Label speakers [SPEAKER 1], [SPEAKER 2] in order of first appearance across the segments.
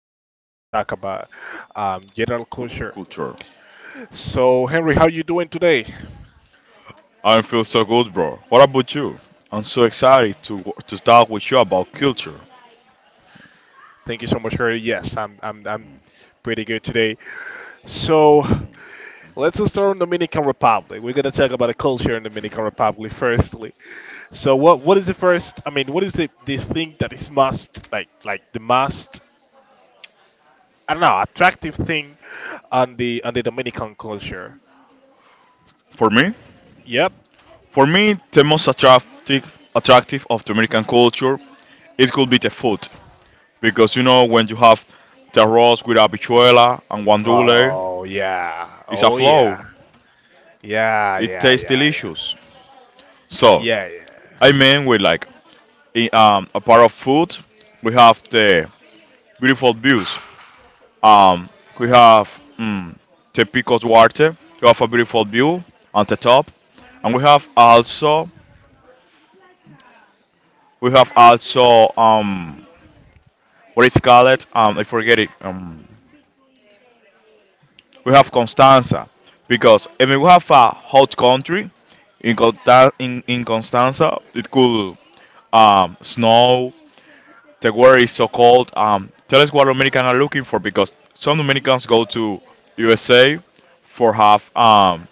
[SPEAKER 1] Henry. We're gonna talk about general culture.
[SPEAKER 2] Culture.
[SPEAKER 1] So, Henry, how you doing today?
[SPEAKER 2] I feel so good, bro. What about you? I'm so excited to talk with you about culture.
[SPEAKER 1] Thank you so much, Henry. Yes, I'm pretty good today. So, let's just start on Dominican Republic. We're gonna talk about the culture in Dominican Republic firstly. So, what is the first? I mean, what is the this thing that is must like the must? I don't know, attractive thing on the Dominican culture.
[SPEAKER 2] For me,
[SPEAKER 1] Yep.
[SPEAKER 2] for me, the most attractive of the American culture, it could be the food, because you know when you have the arroz with habichuela and guandule,
[SPEAKER 1] Oh yeah.
[SPEAKER 2] it's a
[SPEAKER 1] Oh
[SPEAKER 2] flow.
[SPEAKER 1] yeah. Yeah,
[SPEAKER 2] It
[SPEAKER 1] yeah,
[SPEAKER 2] tastes
[SPEAKER 1] yeah, yeah.
[SPEAKER 2] delicious. So
[SPEAKER 1] Yeah, yeah.
[SPEAKER 2] I mean, we like in, a part of food, we have the beautiful views. Um, we have, mm, the Pico Duarte. We have a beautiful view on the top, and we have also what is called, I forget it. We have Constanza because I mean we have a hot country in Constanza. It could snow. The weather is so cold. Tell us what Americans are looking for because some Dominicans go to USA for have,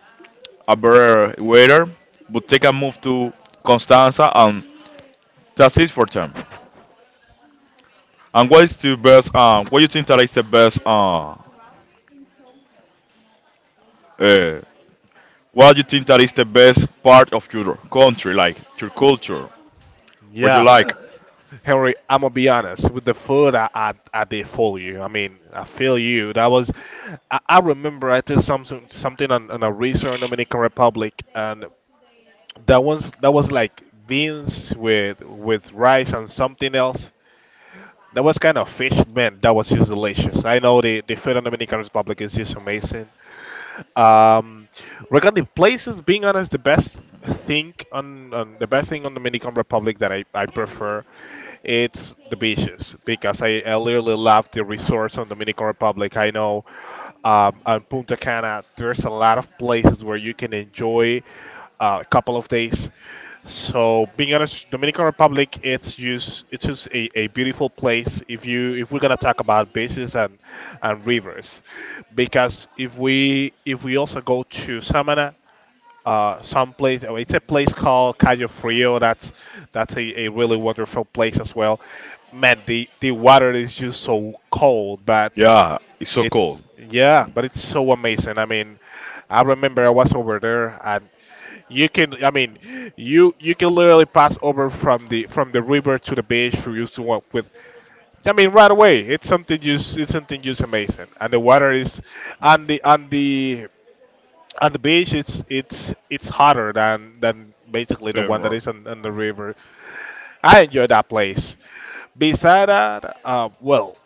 [SPEAKER 2] a better waiter, but take a move to Constanza, and that's it for them. And what is the best? What you think that is the best? Uh, what you think that is the best part of your country, like your culture? What you
[SPEAKER 1] Yeah.
[SPEAKER 2] like?
[SPEAKER 1] Henry, I'm gonna be honest with the food. I did fool you. I mean, I feel you. That was, I remember I did something on a resort in Dominican Republic, and that was like beans with rice and something else. That was kind of fish, man. That was just delicious. I know the food in Dominican Republic is just amazing. Um, Regarding places, being honest, the best thing on Dominican Republic that I prefer, it's the beaches because I literally love the resorts on Dominican Republic. I know on Punta Cana there's a lot of places where you can enjoy a couple of days. So being honest, Dominican Republic it's just a beautiful place if you if we're gonna talk about beaches and rivers, because if we also go to Samana, some place. Oh, It's a place called Cayo Frio. That's a really wonderful place as well. Man, the water is just so cold, but
[SPEAKER 2] Yeah, it's so cool.
[SPEAKER 1] it's yeah, but it's so amazing. I mean, I remember I was over there, and you can. I mean, you can literally pass over from the river to the beach for you to walk with. I mean, right away. It's something just amazing, and the water is on the on the on the beach. It's it's hotter than basically the
[SPEAKER 2] Damn,
[SPEAKER 1] one that
[SPEAKER 2] bro.
[SPEAKER 1] is on the river. I enjoy that place. Beside that, well,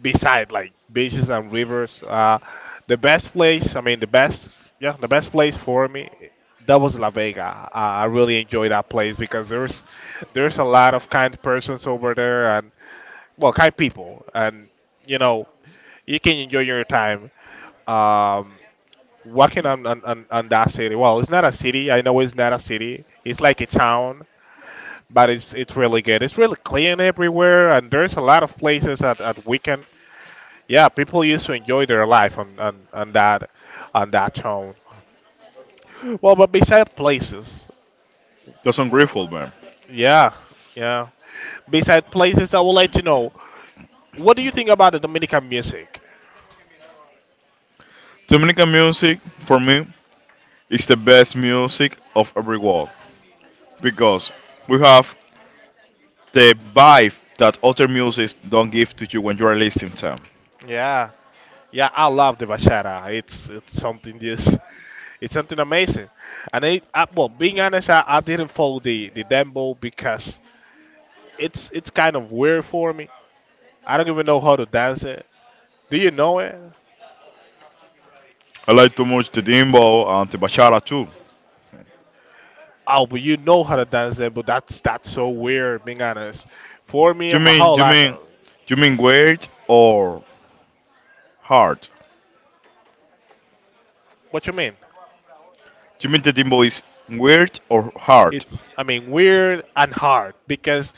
[SPEAKER 1] beside like beaches and rivers, the best place, I mean, the best place for me, that was La Vega. I really enjoy that place because there's a lot of kind persons over there and well, kind people, and you know, you can enjoy your time um, walking on, on that city. Well, it's not a city. I know it's not a city. It's like a town, but it's really good. It's really clean everywhere, and there's a lot of places at weekend. Yeah, people used to enjoy their life on on that town. Well, but beside places,
[SPEAKER 2] That's ungrateful, man.
[SPEAKER 1] yeah, yeah. Beside places, I would like to know what do you think about the Dominican music?
[SPEAKER 2] Dominican music for me is the best music of every world because we have the vibe that other music don't give to you when you are listening to them.
[SPEAKER 1] Yeah, yeah, I love the bachata. It's something amazing. And I well, being honest, I didn't follow the dembow because it's kind of weird for me. I don't even know how to dance it. Do you know it?
[SPEAKER 2] I like too much the dembow and the bachata too.
[SPEAKER 1] Oh, but you know how to dance it, but that's so weird, being honest. For me,
[SPEAKER 2] You
[SPEAKER 1] in my
[SPEAKER 2] mean,
[SPEAKER 1] whole
[SPEAKER 2] you
[SPEAKER 1] life,
[SPEAKER 2] mean, you mean weird or hard?
[SPEAKER 1] what you mean?
[SPEAKER 2] You mean the dembow is weird or hard?
[SPEAKER 1] It's, I mean, weird and hard because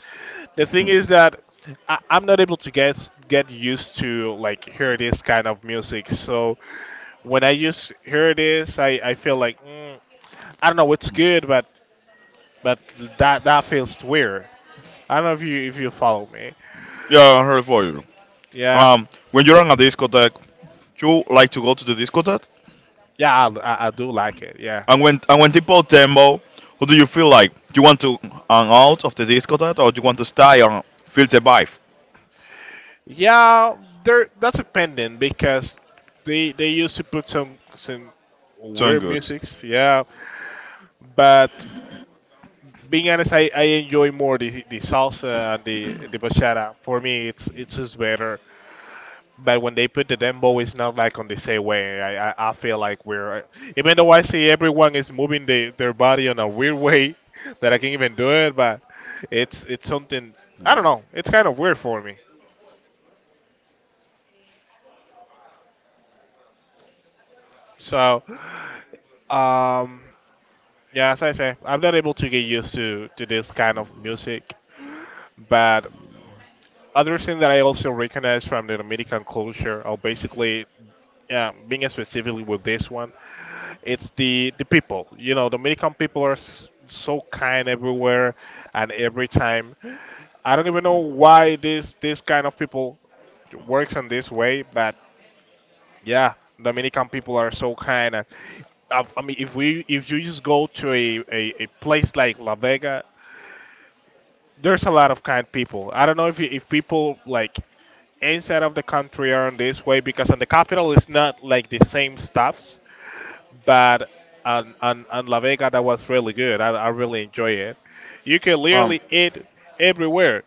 [SPEAKER 1] the thing
[SPEAKER 2] Hmm.
[SPEAKER 1] is that I'm not able to get used to like hear this kind of music. So when I just hear this, I feel like I don't know, it's good, but but that that feels weird. I don't know if you follow me.
[SPEAKER 2] Yeah, I heard for you.
[SPEAKER 1] Yeah,
[SPEAKER 2] When you're on a discotheque, you like to go to the discotheque?
[SPEAKER 1] yeah, I do like it. Yeah.
[SPEAKER 2] And when people dembow, who do you feel like? Do you want to hang out of the discotheque or do you want to stay and feel the vibe?
[SPEAKER 1] Yeah, there. That's a pendant because they used to put some
[SPEAKER 2] Sound
[SPEAKER 1] weird
[SPEAKER 2] good.
[SPEAKER 1] musics. Yeah, but being honest, I enjoy more the salsa and the bachata. For me, it's just better. But when they put the dembow, it's not like on the same way. I feel like we're even though I see everyone is moving their body on a weird way that I can't even do it. But it's something I don't know. It's kind of weird for me. So. Um, Yeah, as I say, I'm not able to get used to this kind of music. But other thing that I also recognize from the Dominican culture, or basically yeah, being specifically with this one, it's the people. You know, Dominican people are s- so kind everywhere and every time. I don't even know why this kind of people works in this way, but yeah, Dominican people are so kind and I mean, if we if you just go to a place like La Vega, there's a lot of kind people. I don't know if you, if people like inside of the country are in this way because on the capital it's not like the same stuffs, but on on La Vega, that was really good. I really enjoy it. You can
[SPEAKER 2] Um,
[SPEAKER 1] literally eat everywhere.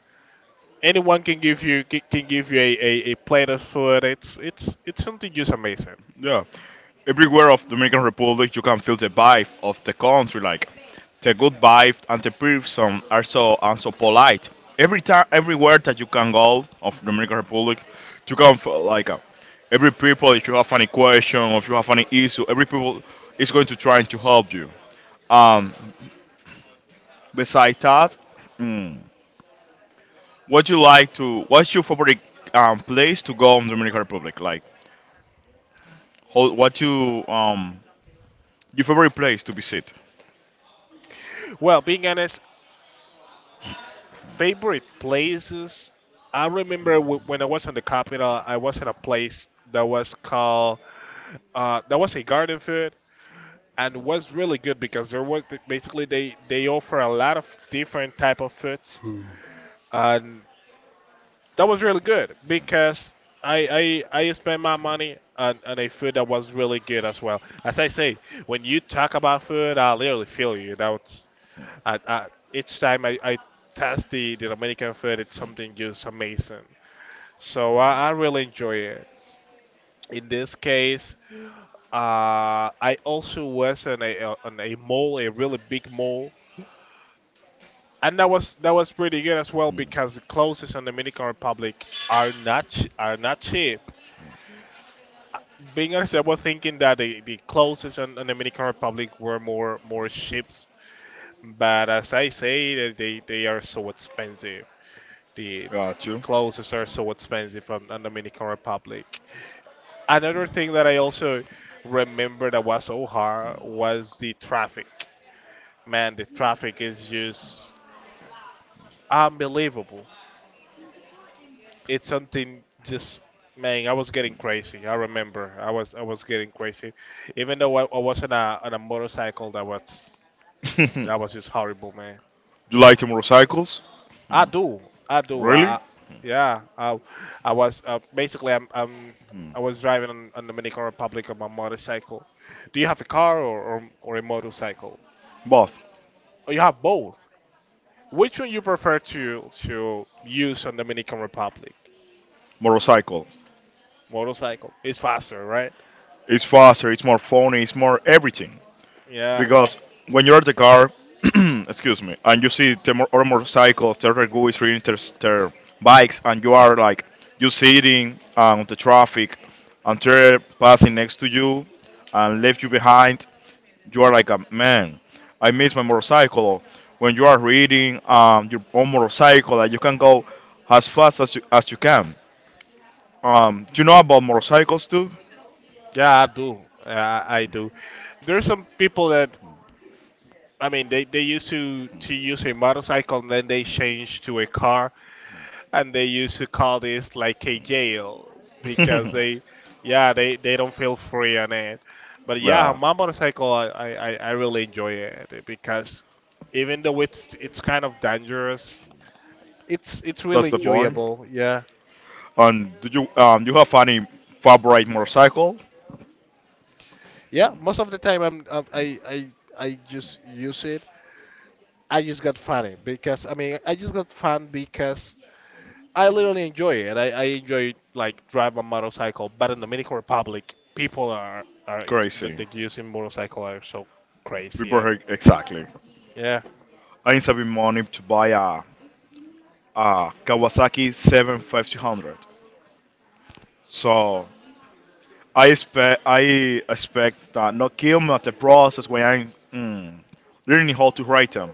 [SPEAKER 1] Anyone can give you ca- can give you a plate of food. It's it's something just amazing.
[SPEAKER 2] Yeah. Everywhere of Dominican Republic, you can feel the vibe of the country, like the good vibe and the person are so and so polite. Every time, everywhere that you can go of Dominican Republic, you can feel like every people. If you have any question or if you have any issue, every people is going to try to help you. Um, besides that, mm, what you like to, what's your favorite place to go in Dominican Republic? Like, what you, your favorite place to visit?
[SPEAKER 1] Well, being honest, favorite places? I remember w- when I was in the capital, I was in a place that was called that was a garden food, and was really good because there was basically they offer a lot of different type of foods. And that was really good because I spent my money on a food that was really good as well. As I say, when you talk about food, I literally feel you. That's I, I, each time I test the Dominican food, it's something just amazing. So I really enjoy it. In this case, I also was on a mall, a really big mall, and that was pretty good as well because the clothes in Dominican Republic are not ch- are not cheap. Being honest, I was thinking that the closest on Dominican Republic were more ships, but as I say, they are so expensive. The
[SPEAKER 2] Got
[SPEAKER 1] the
[SPEAKER 2] you.
[SPEAKER 1] closest are so expensive on Dominican Republic. Another thing that I also remember that was so hard was the traffic. Man, the traffic is just unbelievable. It's something just, man, I was getting crazy even though I was on a motorcycle that was
[SPEAKER 2] Do
[SPEAKER 1] just horrible, man.
[SPEAKER 2] you like the motorcycles?
[SPEAKER 1] i
[SPEAKER 2] Hmm.
[SPEAKER 1] do
[SPEAKER 2] Really?
[SPEAKER 1] I yeah, I was, basically I'm, I was driving on Dominican Republic on my motorcycle. Do you have a car or a motorcycle?
[SPEAKER 2] Both.
[SPEAKER 1] Or you have both? Which one you prefer to use on Dominican Republic?
[SPEAKER 2] Motorcycle.
[SPEAKER 1] Motorcycle. It's faster, right?
[SPEAKER 2] It's faster, it's more funny, it's more everything.
[SPEAKER 1] Yeah.
[SPEAKER 2] Because when you're at the car, excuse me, and you see the other motorcycles, the other guys reading their bikes, and you are like, you sitting on the traffic, and they're passing next to you and left you behind, you are like a man. I miss my motorcycle. When you are reading your own motorcycle, that you can go as fast as you can. Do you know about motorcycles too?
[SPEAKER 1] Yeah, I do. I do. There's some people that I mean they used to use a motorcycle and then they changed to a car and they used to call this like a jail because they yeah they don't feel free on it. But yeah,
[SPEAKER 2] Yeah,
[SPEAKER 1] my motorcycle I really enjoy it because even though it's kind of dangerous, it's
[SPEAKER 2] that's
[SPEAKER 1] really
[SPEAKER 2] the point.
[SPEAKER 1] enjoyable. Yeah.
[SPEAKER 2] And do you you have any favorite motorcycle?
[SPEAKER 1] Yeah, most of the time I just use it. I just got fun because I literally enjoy it. I enjoy like drive a motorcycle, but in Dominican Republic, people are that
[SPEAKER 2] Crazy.
[SPEAKER 1] they using motorcycle are so
[SPEAKER 2] We
[SPEAKER 1] crazy
[SPEAKER 2] bought
[SPEAKER 1] and
[SPEAKER 2] her exactly.
[SPEAKER 1] yeah,
[SPEAKER 2] I need saving money to buy a Kawasaki 7500. So I expect no kill me at the process when I'm learning how to write them.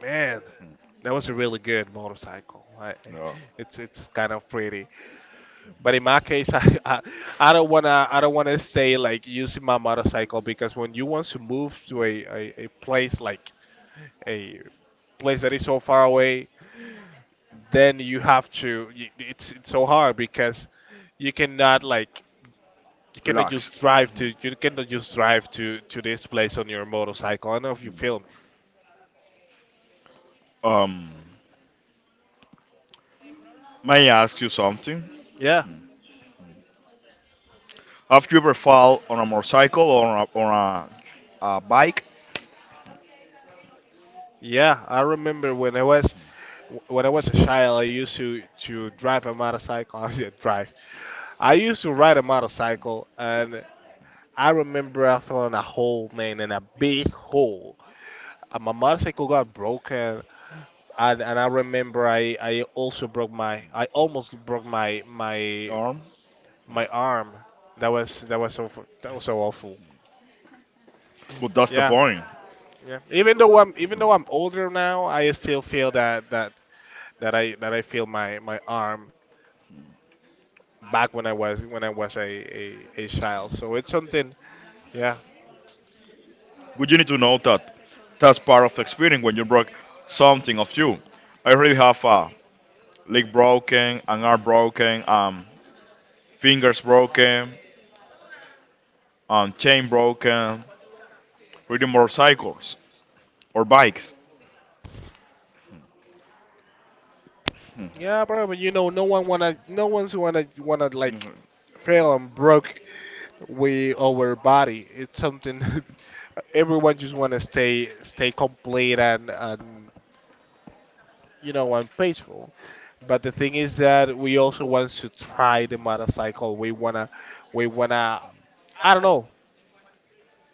[SPEAKER 1] man, that was a really good motorcycle. I
[SPEAKER 2] You know,
[SPEAKER 1] It's kind of pretty, but in my case, I don't wanna stay like using my motorcycle because when you want to move to a place like a place that is so far away, then you have to y- it's so hard because you cannot like you cannot
[SPEAKER 2] Relax.
[SPEAKER 1] just drive
[SPEAKER 2] Mhm.
[SPEAKER 1] to you cannot just drive to this place on your motorcycle. I don't know if you feel me.
[SPEAKER 2] Um, may I ask you something?
[SPEAKER 1] Yeah.
[SPEAKER 2] Have you ever fall on a motorcycle or on a bike?
[SPEAKER 1] Yeah, I remember when I was a child, I used to drive a motorcycle. I said drive. I used to ride a motorcycle, and I remember I fell in a hole, man, in a big hole. And my motorcycle got broken, and I remember I also broke my, I almost broke my
[SPEAKER 2] Or,
[SPEAKER 1] my arm. That was so fu- that was so awful.
[SPEAKER 2] but that's the
[SPEAKER 1] Yeah,
[SPEAKER 2] point.
[SPEAKER 1] yeah. Even though I'm older now, I still feel that that I feel my arm back when I was a a child. So it's something. Yeah,
[SPEAKER 2] But you need to know that that's part of the experience when you broke something of you. I already have a leg broken, an arm broken, fingers broken, chain broken, reading motorcycles or bikes.
[SPEAKER 1] yeah, bro. No one's wanna like
[SPEAKER 2] Mhm.
[SPEAKER 1] fail and broke with our body. It's something everyone just want to stay complete and you know and peaceful. But the thing is that we also want to try the motorcycle. We wanna I don't know.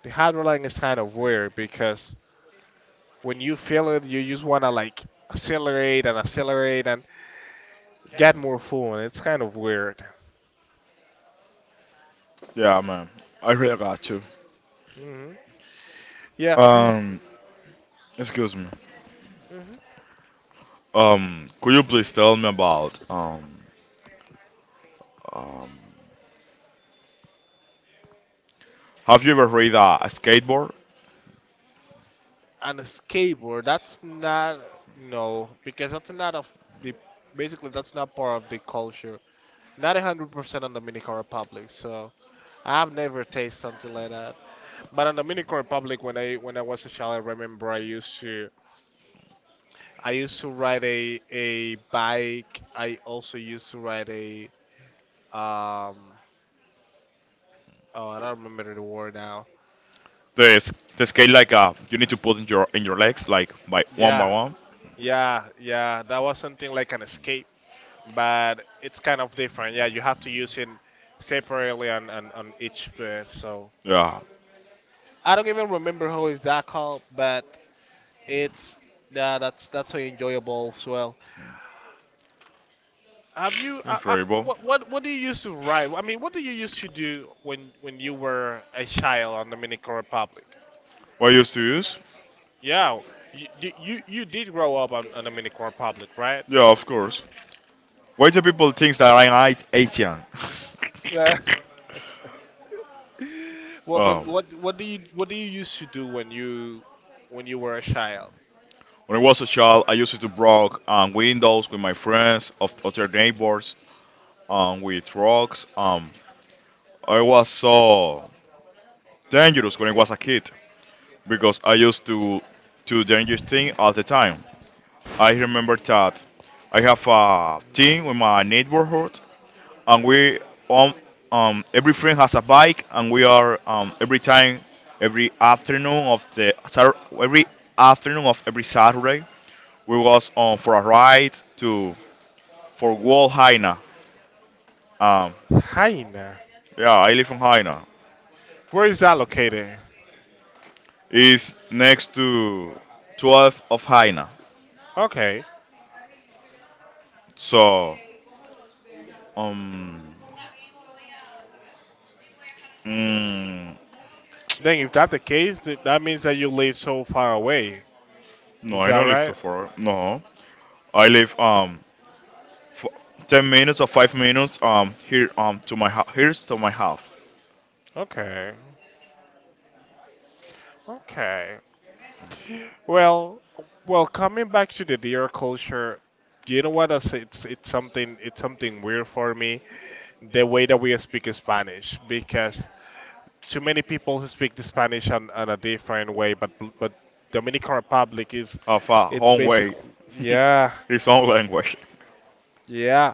[SPEAKER 1] The hydroline is kind of weird because when you feel it, you just wanna like accelerate and accelerate and get more full. It's kind of weird.
[SPEAKER 2] Yeah, man. I really got you.
[SPEAKER 1] Hmm. Yeah.
[SPEAKER 2] Um, excuse me. Could you please tell me about um, have you ever ride a skateboard?
[SPEAKER 1] And a skateboard, that's not— no, because that's not of the— basically, that's not part of the culture, not 100% on Dominican Republic, so I've never tasted something like that. But on Dominican Republic, when I was a child, I remember I used to ride a bike. I also used to ride a, um oh, I don't remember the word now.
[SPEAKER 2] The skate like you need to put in your legs like by one by
[SPEAKER 1] yeah
[SPEAKER 2] one.
[SPEAKER 1] yeah yeah that was something like an escape, but it's kind of different. Yeah, you have to use it separately on, on each pair. So
[SPEAKER 2] Yeah.
[SPEAKER 1] I don't even remember how is that called, but it's— yeah, that's so enjoyable as well. Have you?
[SPEAKER 2] Incredible.
[SPEAKER 1] What do you used to write? I mean, what do you used to do when you were a child on Dominican Republic?
[SPEAKER 2] What you used to use?
[SPEAKER 1] Yeah, you did grow up on Dominican Republic, right?
[SPEAKER 2] Yeah, of course. Why do people think that I'm like Asian?
[SPEAKER 1] Yeah. What
[SPEAKER 2] Oh.
[SPEAKER 1] what what what do you what do you used to do when you were a child?
[SPEAKER 2] When I was a child, I used to broke windows with my friends, of other neighbors, with rocks. I was so dangerous when I was a kid because I used to do dangerous thing all the time. I remember that I have a team with my neighborhood and we um, every friend has a bike, and we are every time every afternoon of the Sat- every afternoon of every Saturday we was on for a ride to for Wall Haina. Um,
[SPEAKER 1] Haina.
[SPEAKER 2] yeah, I live in Haina.
[SPEAKER 1] Where is that located?
[SPEAKER 2] It's next to 12 of Haina.
[SPEAKER 1] Okay.
[SPEAKER 2] So, um, mm,
[SPEAKER 1] Then if that's the case, that means that you live so far away.
[SPEAKER 2] no,
[SPEAKER 1] Is
[SPEAKER 2] I
[SPEAKER 1] that
[SPEAKER 2] don't live so
[SPEAKER 1] right?
[SPEAKER 2] far. No, I live f- 10 minutes or 5 minutes here to my here's to my house
[SPEAKER 1] Okay. Okay. Well, well, coming back to the deer culture, you know what? It's something weird for me. The way that we speak Spanish, because too many people speak the Spanish on a different way. But— but Dominican Republic is—
[SPEAKER 2] of our
[SPEAKER 1] it's
[SPEAKER 2] own way.
[SPEAKER 1] basically, yeah.
[SPEAKER 2] His own language.
[SPEAKER 1] Yeah,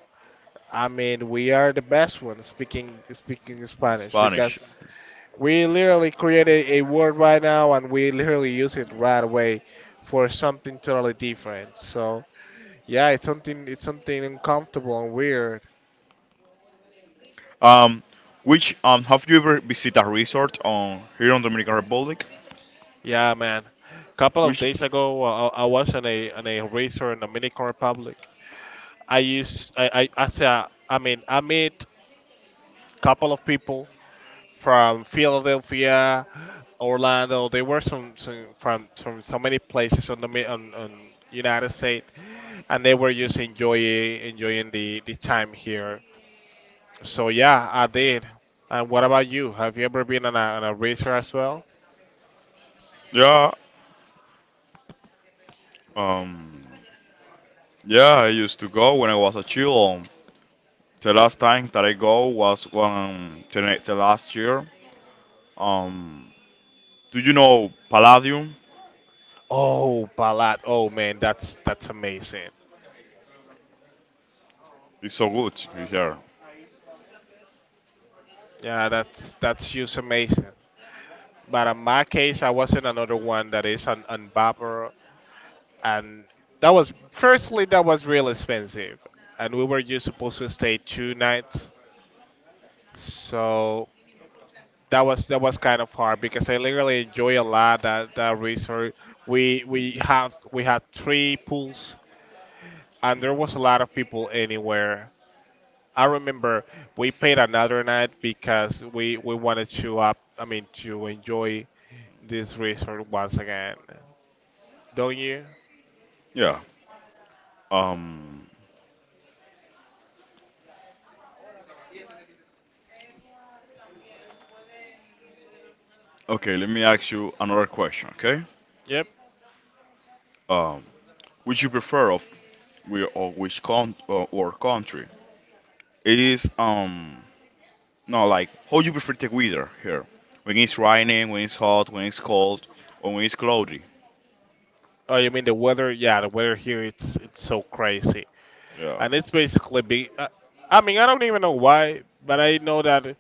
[SPEAKER 1] I mean, we are the best one speaking Spanish because
[SPEAKER 2] Spanish.
[SPEAKER 1] we literally created a word right now and we literally use it right away for something totally different. So yeah, it's something uncomfortable and weird.
[SPEAKER 2] um which, have you ever visited a resort on here on Dominican Republic?
[SPEAKER 1] Yeah, man. Couple of
[SPEAKER 2] Which
[SPEAKER 1] days ago, I was on a racer in Dominican Republic. I say I mean I meet couple of people from Philadelphia, Orlando. There were some from so many places on the on United States, and they were just enjoying the time here. So yeah, I did. And what about you? Have you ever been on a racer as well?
[SPEAKER 2] yeah, um yeah, I used to go when I was a child. The last time that I go was when, the, the last year. Um, do you know Palladium?
[SPEAKER 1] Oh, Balat. Oh man, that's amazing.
[SPEAKER 2] It's so good in here.
[SPEAKER 1] Yeah, that's just amazing. But in my case, I was in another one that is on Vapor, and that was firstly, that was real expensive, and we were just supposed to stay 2 nights, so that was kind of hard because I literally enjoy a lot that that resort. We had 3 pools, and there was a lot of people anywhere. I remember we paid another night because we wanted to up— I mean to enjoy this resort once again. Don't you?
[SPEAKER 2] Yeah. Um, okay, let me ask you another question, okay?
[SPEAKER 1] Yep.
[SPEAKER 2] Um, which you prefer of we, or or country? It is, no, like, how you prefer the weather here? When it's raining, when it's hot, when it's cold, or when it's cloudy.
[SPEAKER 1] Oh, you mean the weather? Yeah, the weather here it's so crazy.
[SPEAKER 2] Yeah.
[SPEAKER 1] And it's basically be. I mean, I don't even know why, but I know that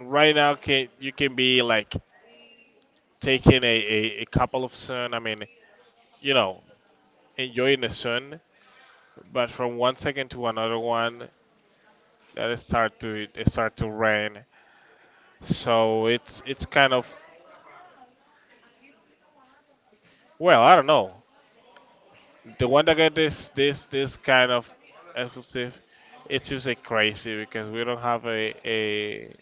[SPEAKER 1] right now can you can be like taking a, a couple of sun. I mean, you know, enjoying the sun, but from one second to another one, that it start to rain. So it's kind of— well, I don't know. The one that got this this kind of exclusive, it's just like crazy because we don't have a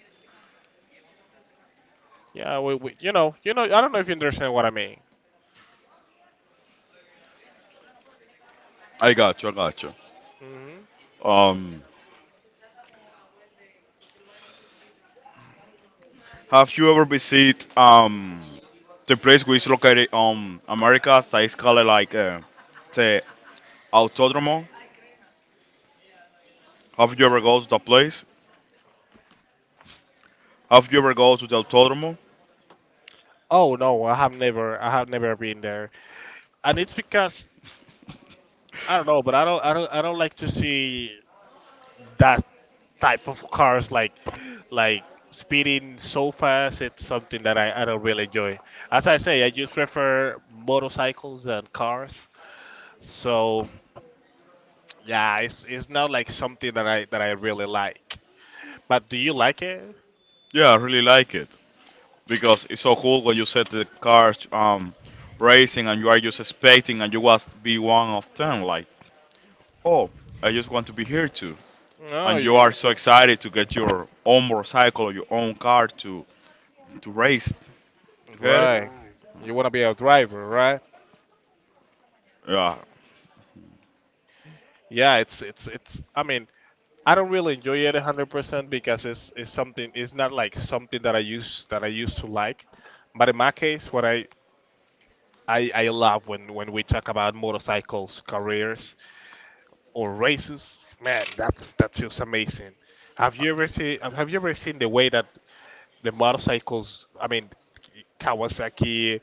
[SPEAKER 1] yeah we you know I don't know if you understand what I mean.
[SPEAKER 2] I got you. I got you.
[SPEAKER 1] Hmm.
[SPEAKER 2] Um, Have you ever visited the place which is located on America, that is called like, the Autodromo? Have you ever go to that place? Have you ever go to the Autodromo?
[SPEAKER 1] Oh no, I have never been there, and it's because I don't know, but I don't like to see that type of cars like speeding so fast. It's something that I don't really enjoy. As I say, I just prefer motorcycles and cars. So yeah, it's not like something that I really like. But do you like it?
[SPEAKER 2] Yeah, I really like it because it's so cool when you set the cars racing, and you are just expecting and you want to be one of them. Like, oh, I just want to be here too.
[SPEAKER 1] No,
[SPEAKER 2] And you
[SPEAKER 1] you
[SPEAKER 2] are so excited to get your own motorcycle or your own car to race. You get it?
[SPEAKER 1] right. You want to be a driver, right?
[SPEAKER 2] Yeah,
[SPEAKER 1] Yeah, it's. I mean, I don't really enjoy it 100% because it's something it's not like something that I use that I used to like. But in my case, what I I love when we talk about motorcycles, careers, or races, man, that's just amazing. Have you ever seen the way that the motorcycles? I mean, Kawasaki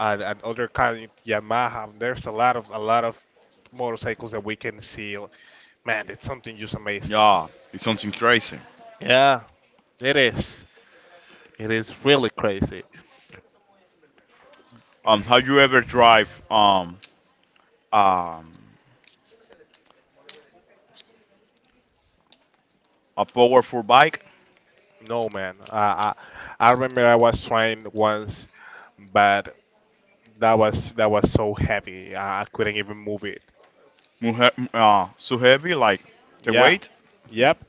[SPEAKER 1] and other kind Yamaha. There's a lot of motorcycles that we can see. Man, it's something just amazing.
[SPEAKER 2] yeah, it's something crazy.
[SPEAKER 1] Yeah, it is. It is really crazy.
[SPEAKER 2] Have you ever drive um a powerful bike?
[SPEAKER 1] No man, I remember I was trying once, but that was so heavy. I couldn't even move it.
[SPEAKER 2] So heavy, like the
[SPEAKER 1] Yeah,
[SPEAKER 2] weight?
[SPEAKER 1] yep.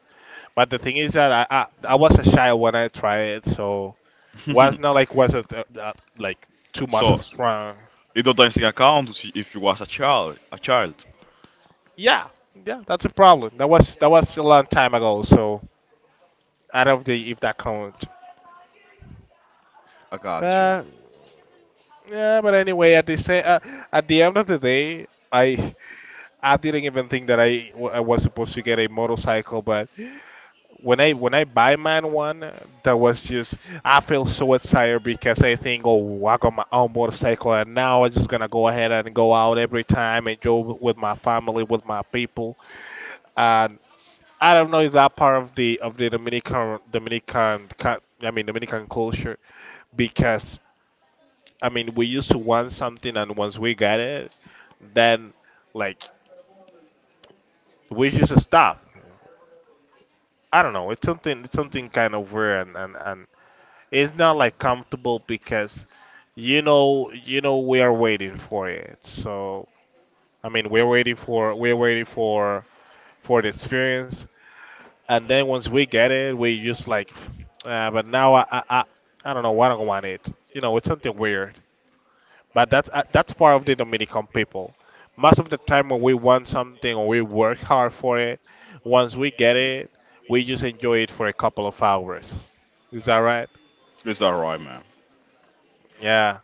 [SPEAKER 1] But the thing is that I was a child when I tried it, so was not like was it like too much
[SPEAKER 2] So
[SPEAKER 1] strong.
[SPEAKER 2] it doesn't account to see if you was a child. A child.
[SPEAKER 1] Yeah, yeah. That's a problem. That was a long time ago. So I don't know if that counts.
[SPEAKER 2] I got you.
[SPEAKER 1] But yeah, but anyway, at the at the end of the day, I didn't even think that I was supposed to get a motorcycle, but when I buy mine one, that was just— I feel so excited because I think, oh, I got my own motorcycle, and now I'm just gonna go ahead and go out every time and go with my family, with my people, and I don't know if that part of the Dominican I mean Dominican culture because I mean we used to want something and once we got it, then, like, we just stop. I don't know. It's something. It's something kind of weird, and, and it's not like comfortable because, you know, we are waiting for it. So I mean, we're waiting for the experience, and then once we get it, we just like— but now I don't know. I don't want it. You know, it's something weird, but that's, that's part of the Dominican people. Most of the time, when we want something or we work hard for it, once we get it, we just enjoy it for a couple of hours. Is that right?
[SPEAKER 2] Is that right, man?
[SPEAKER 1] Yeah,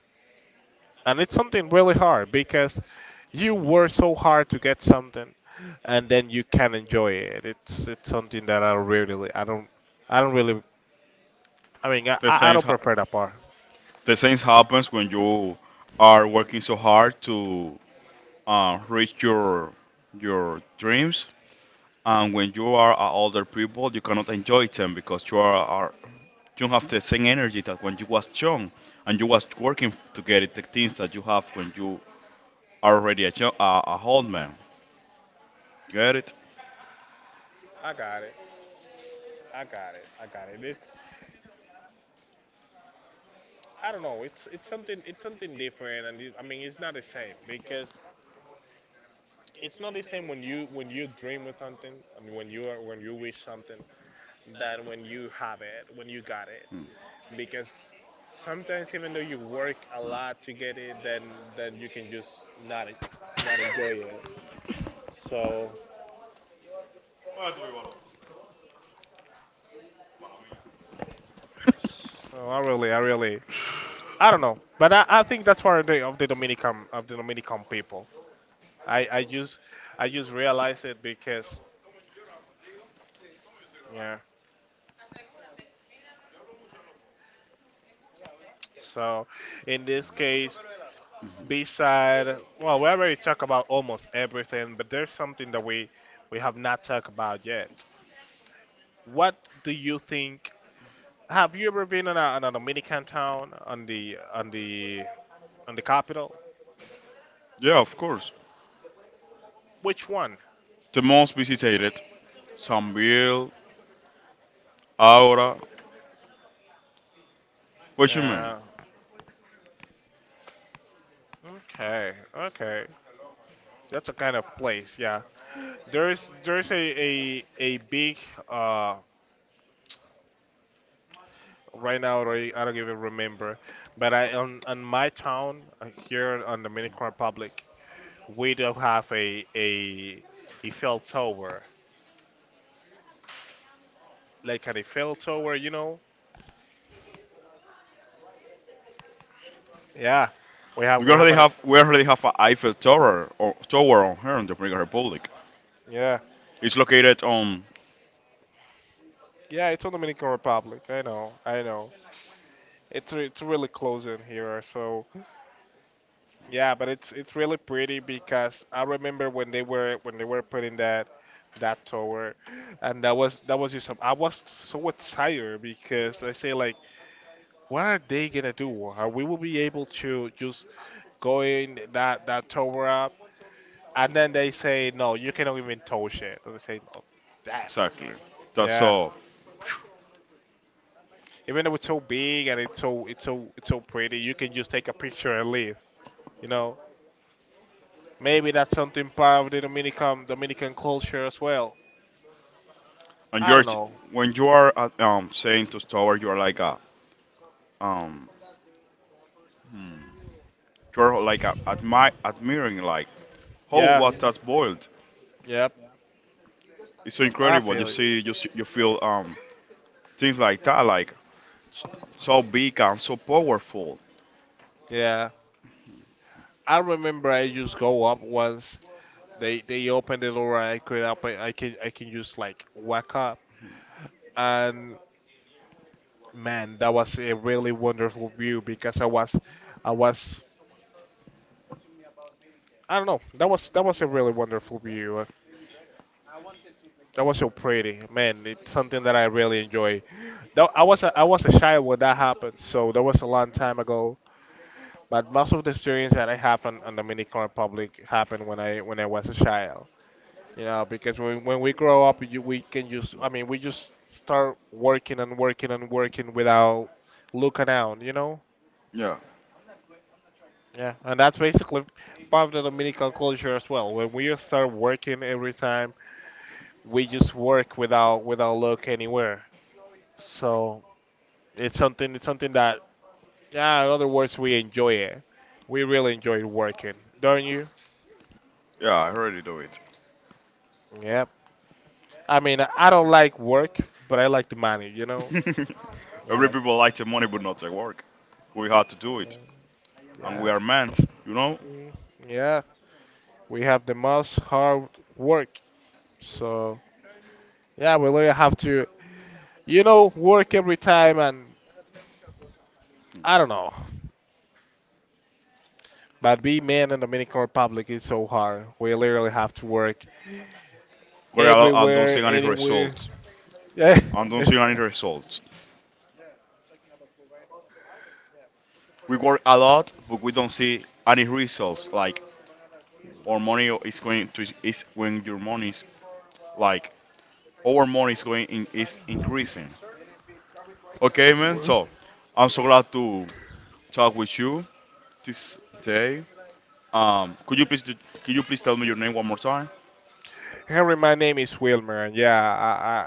[SPEAKER 1] and it's something really hard because you work so hard to get something, and then you can enjoy it. It's something that I really I don't really I mean
[SPEAKER 2] The
[SPEAKER 1] I
[SPEAKER 2] same
[SPEAKER 1] don't
[SPEAKER 2] ha-
[SPEAKER 1] prefer that part.
[SPEAKER 2] the same happens when you are working so hard to, reach your dreams. And when you are a older people, you cannot enjoy them because you are you have the same energy that when you was young, and you was working to get it, the things that you have when you are already a old man. Get it?
[SPEAKER 1] I got it. I got it. I got it. This— I don't know. It's something it's something different, and it, I mean it's not the same because it's not the same when you dream with something and when you are when you wish something than when you have it when you got it because sometimes even though you work a lot to get it, then— then you can just not— not enjoy it. So so I really— I don't know, but I think that's part of the Dominican people. I I just I just realize it because. Yeah. So in this case, B-side, well, we already talked about almost everything, but there's something that we have not talked about yet. What do you think? Have you ever been in a Dominican town on the on the on the capital?
[SPEAKER 2] Yeah, of course.
[SPEAKER 1] Which one?
[SPEAKER 2] The most visited, Sanville, Aura. What you mean?
[SPEAKER 1] Uh, okay, okay. That's a kind of place, yeah. There's a big uh right now already I don't even remember, but I on my town here on Dominican Republic, we do have a Eiffel Tower, like an Eiffel Tower, you know? Yeah,
[SPEAKER 2] We
[SPEAKER 1] we have
[SPEAKER 2] already
[SPEAKER 1] an—
[SPEAKER 2] have we already have a Eiffel Tower or tower on here in the Dominican Republic.
[SPEAKER 1] yeah
[SPEAKER 2] It's located on
[SPEAKER 1] yeah it's on Dominican Republic. I know I know. It's, it's really close in here, so yeah, but it's really pretty because I remember when they were putting that that tower, and that was just some, I was so tired because I say like— what are they gonna do? Are we will be able to just go in that that tower up, and then they say no, you cannot even touch it. And they say no, damn it.
[SPEAKER 2] exactly. That's
[SPEAKER 1] Yeah,
[SPEAKER 2] all.
[SPEAKER 1] even though it's so big and it's so it's so pretty, you can just take a picture and leave. You know, maybe that's something part of the Dominican Dominican culture as well.
[SPEAKER 2] And
[SPEAKER 1] I
[SPEAKER 2] you're
[SPEAKER 1] don't know.
[SPEAKER 2] when you are at, saying to Tower, you are like a, um you're like a, admiring, like, how
[SPEAKER 1] Yeah,
[SPEAKER 2] was that boiled?
[SPEAKER 1] yep,
[SPEAKER 2] It's so
[SPEAKER 1] I
[SPEAKER 2] incredible. You
[SPEAKER 1] feel it.
[SPEAKER 2] see, you see, you feel things like that s- so big and so powerful.
[SPEAKER 1] Yeah, I remember I just go up once. They opened the door and I could up. I can just like whack up. And man, that was a really wonderful view because I was, I don't know, that was a really wonderful view. That was so pretty, man. It's something that I really enjoy. Though I was a child when that happened, so that was a long time ago. But most of the experience that I have on Dominican Republic happened when I was a child. You know, because when we grow up, you, we can just— I mean, we just start working and working and working without looking down. You know.
[SPEAKER 2] Yeah,
[SPEAKER 1] Yeah, and that's basically part of the Dominican culture as well. When we start working every time, we just work without without look anywhere. So it's something that, yeah, in other words, we enjoy it. We really enjoy working, don't you?
[SPEAKER 2] yeah, I already do it.
[SPEAKER 1] Yeah. I mean, I don't like work, but I like the money. You know.
[SPEAKER 2] Every
[SPEAKER 1] Yeah.
[SPEAKER 2] people like the money, but not the work. We had to do it, and we
[SPEAKER 1] Yeah.
[SPEAKER 2] are men, you know.
[SPEAKER 1] Mm, yeah. We have the most hard work. So yeah, we literally have to, you know, work every time and I don't know. But being man in the Dominican Republic is so hard. We literally have to work
[SPEAKER 2] But I don't
[SPEAKER 1] everywhere,
[SPEAKER 2] see any
[SPEAKER 1] anywhere.
[SPEAKER 2] results.
[SPEAKER 1] Yeah.
[SPEAKER 2] I don't see any results. We work a lot, but we don't see any results. Like, our money is going to, is when your money is, like, our money is going in, is increasing. Okay, man.
[SPEAKER 1] Well,
[SPEAKER 2] So I'm so glad to talk with you this day. Um, could you please do, could you please tell me your name one more time?
[SPEAKER 1] Henry, my name is Wilmer, and yeah,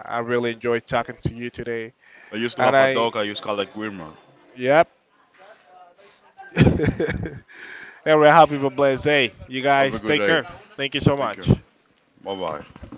[SPEAKER 1] I really enjoyed talking to you today.
[SPEAKER 2] I used to
[SPEAKER 1] And
[SPEAKER 2] have a dog. I used to call it Guillermo.
[SPEAKER 1] yep. Henry, I hope you have a blessed day. You
[SPEAKER 2] Have a
[SPEAKER 1] guys
[SPEAKER 2] good
[SPEAKER 1] take
[SPEAKER 2] day.
[SPEAKER 1] care. Thank you so
[SPEAKER 2] Take care.
[SPEAKER 1] much.
[SPEAKER 2] Bye bye.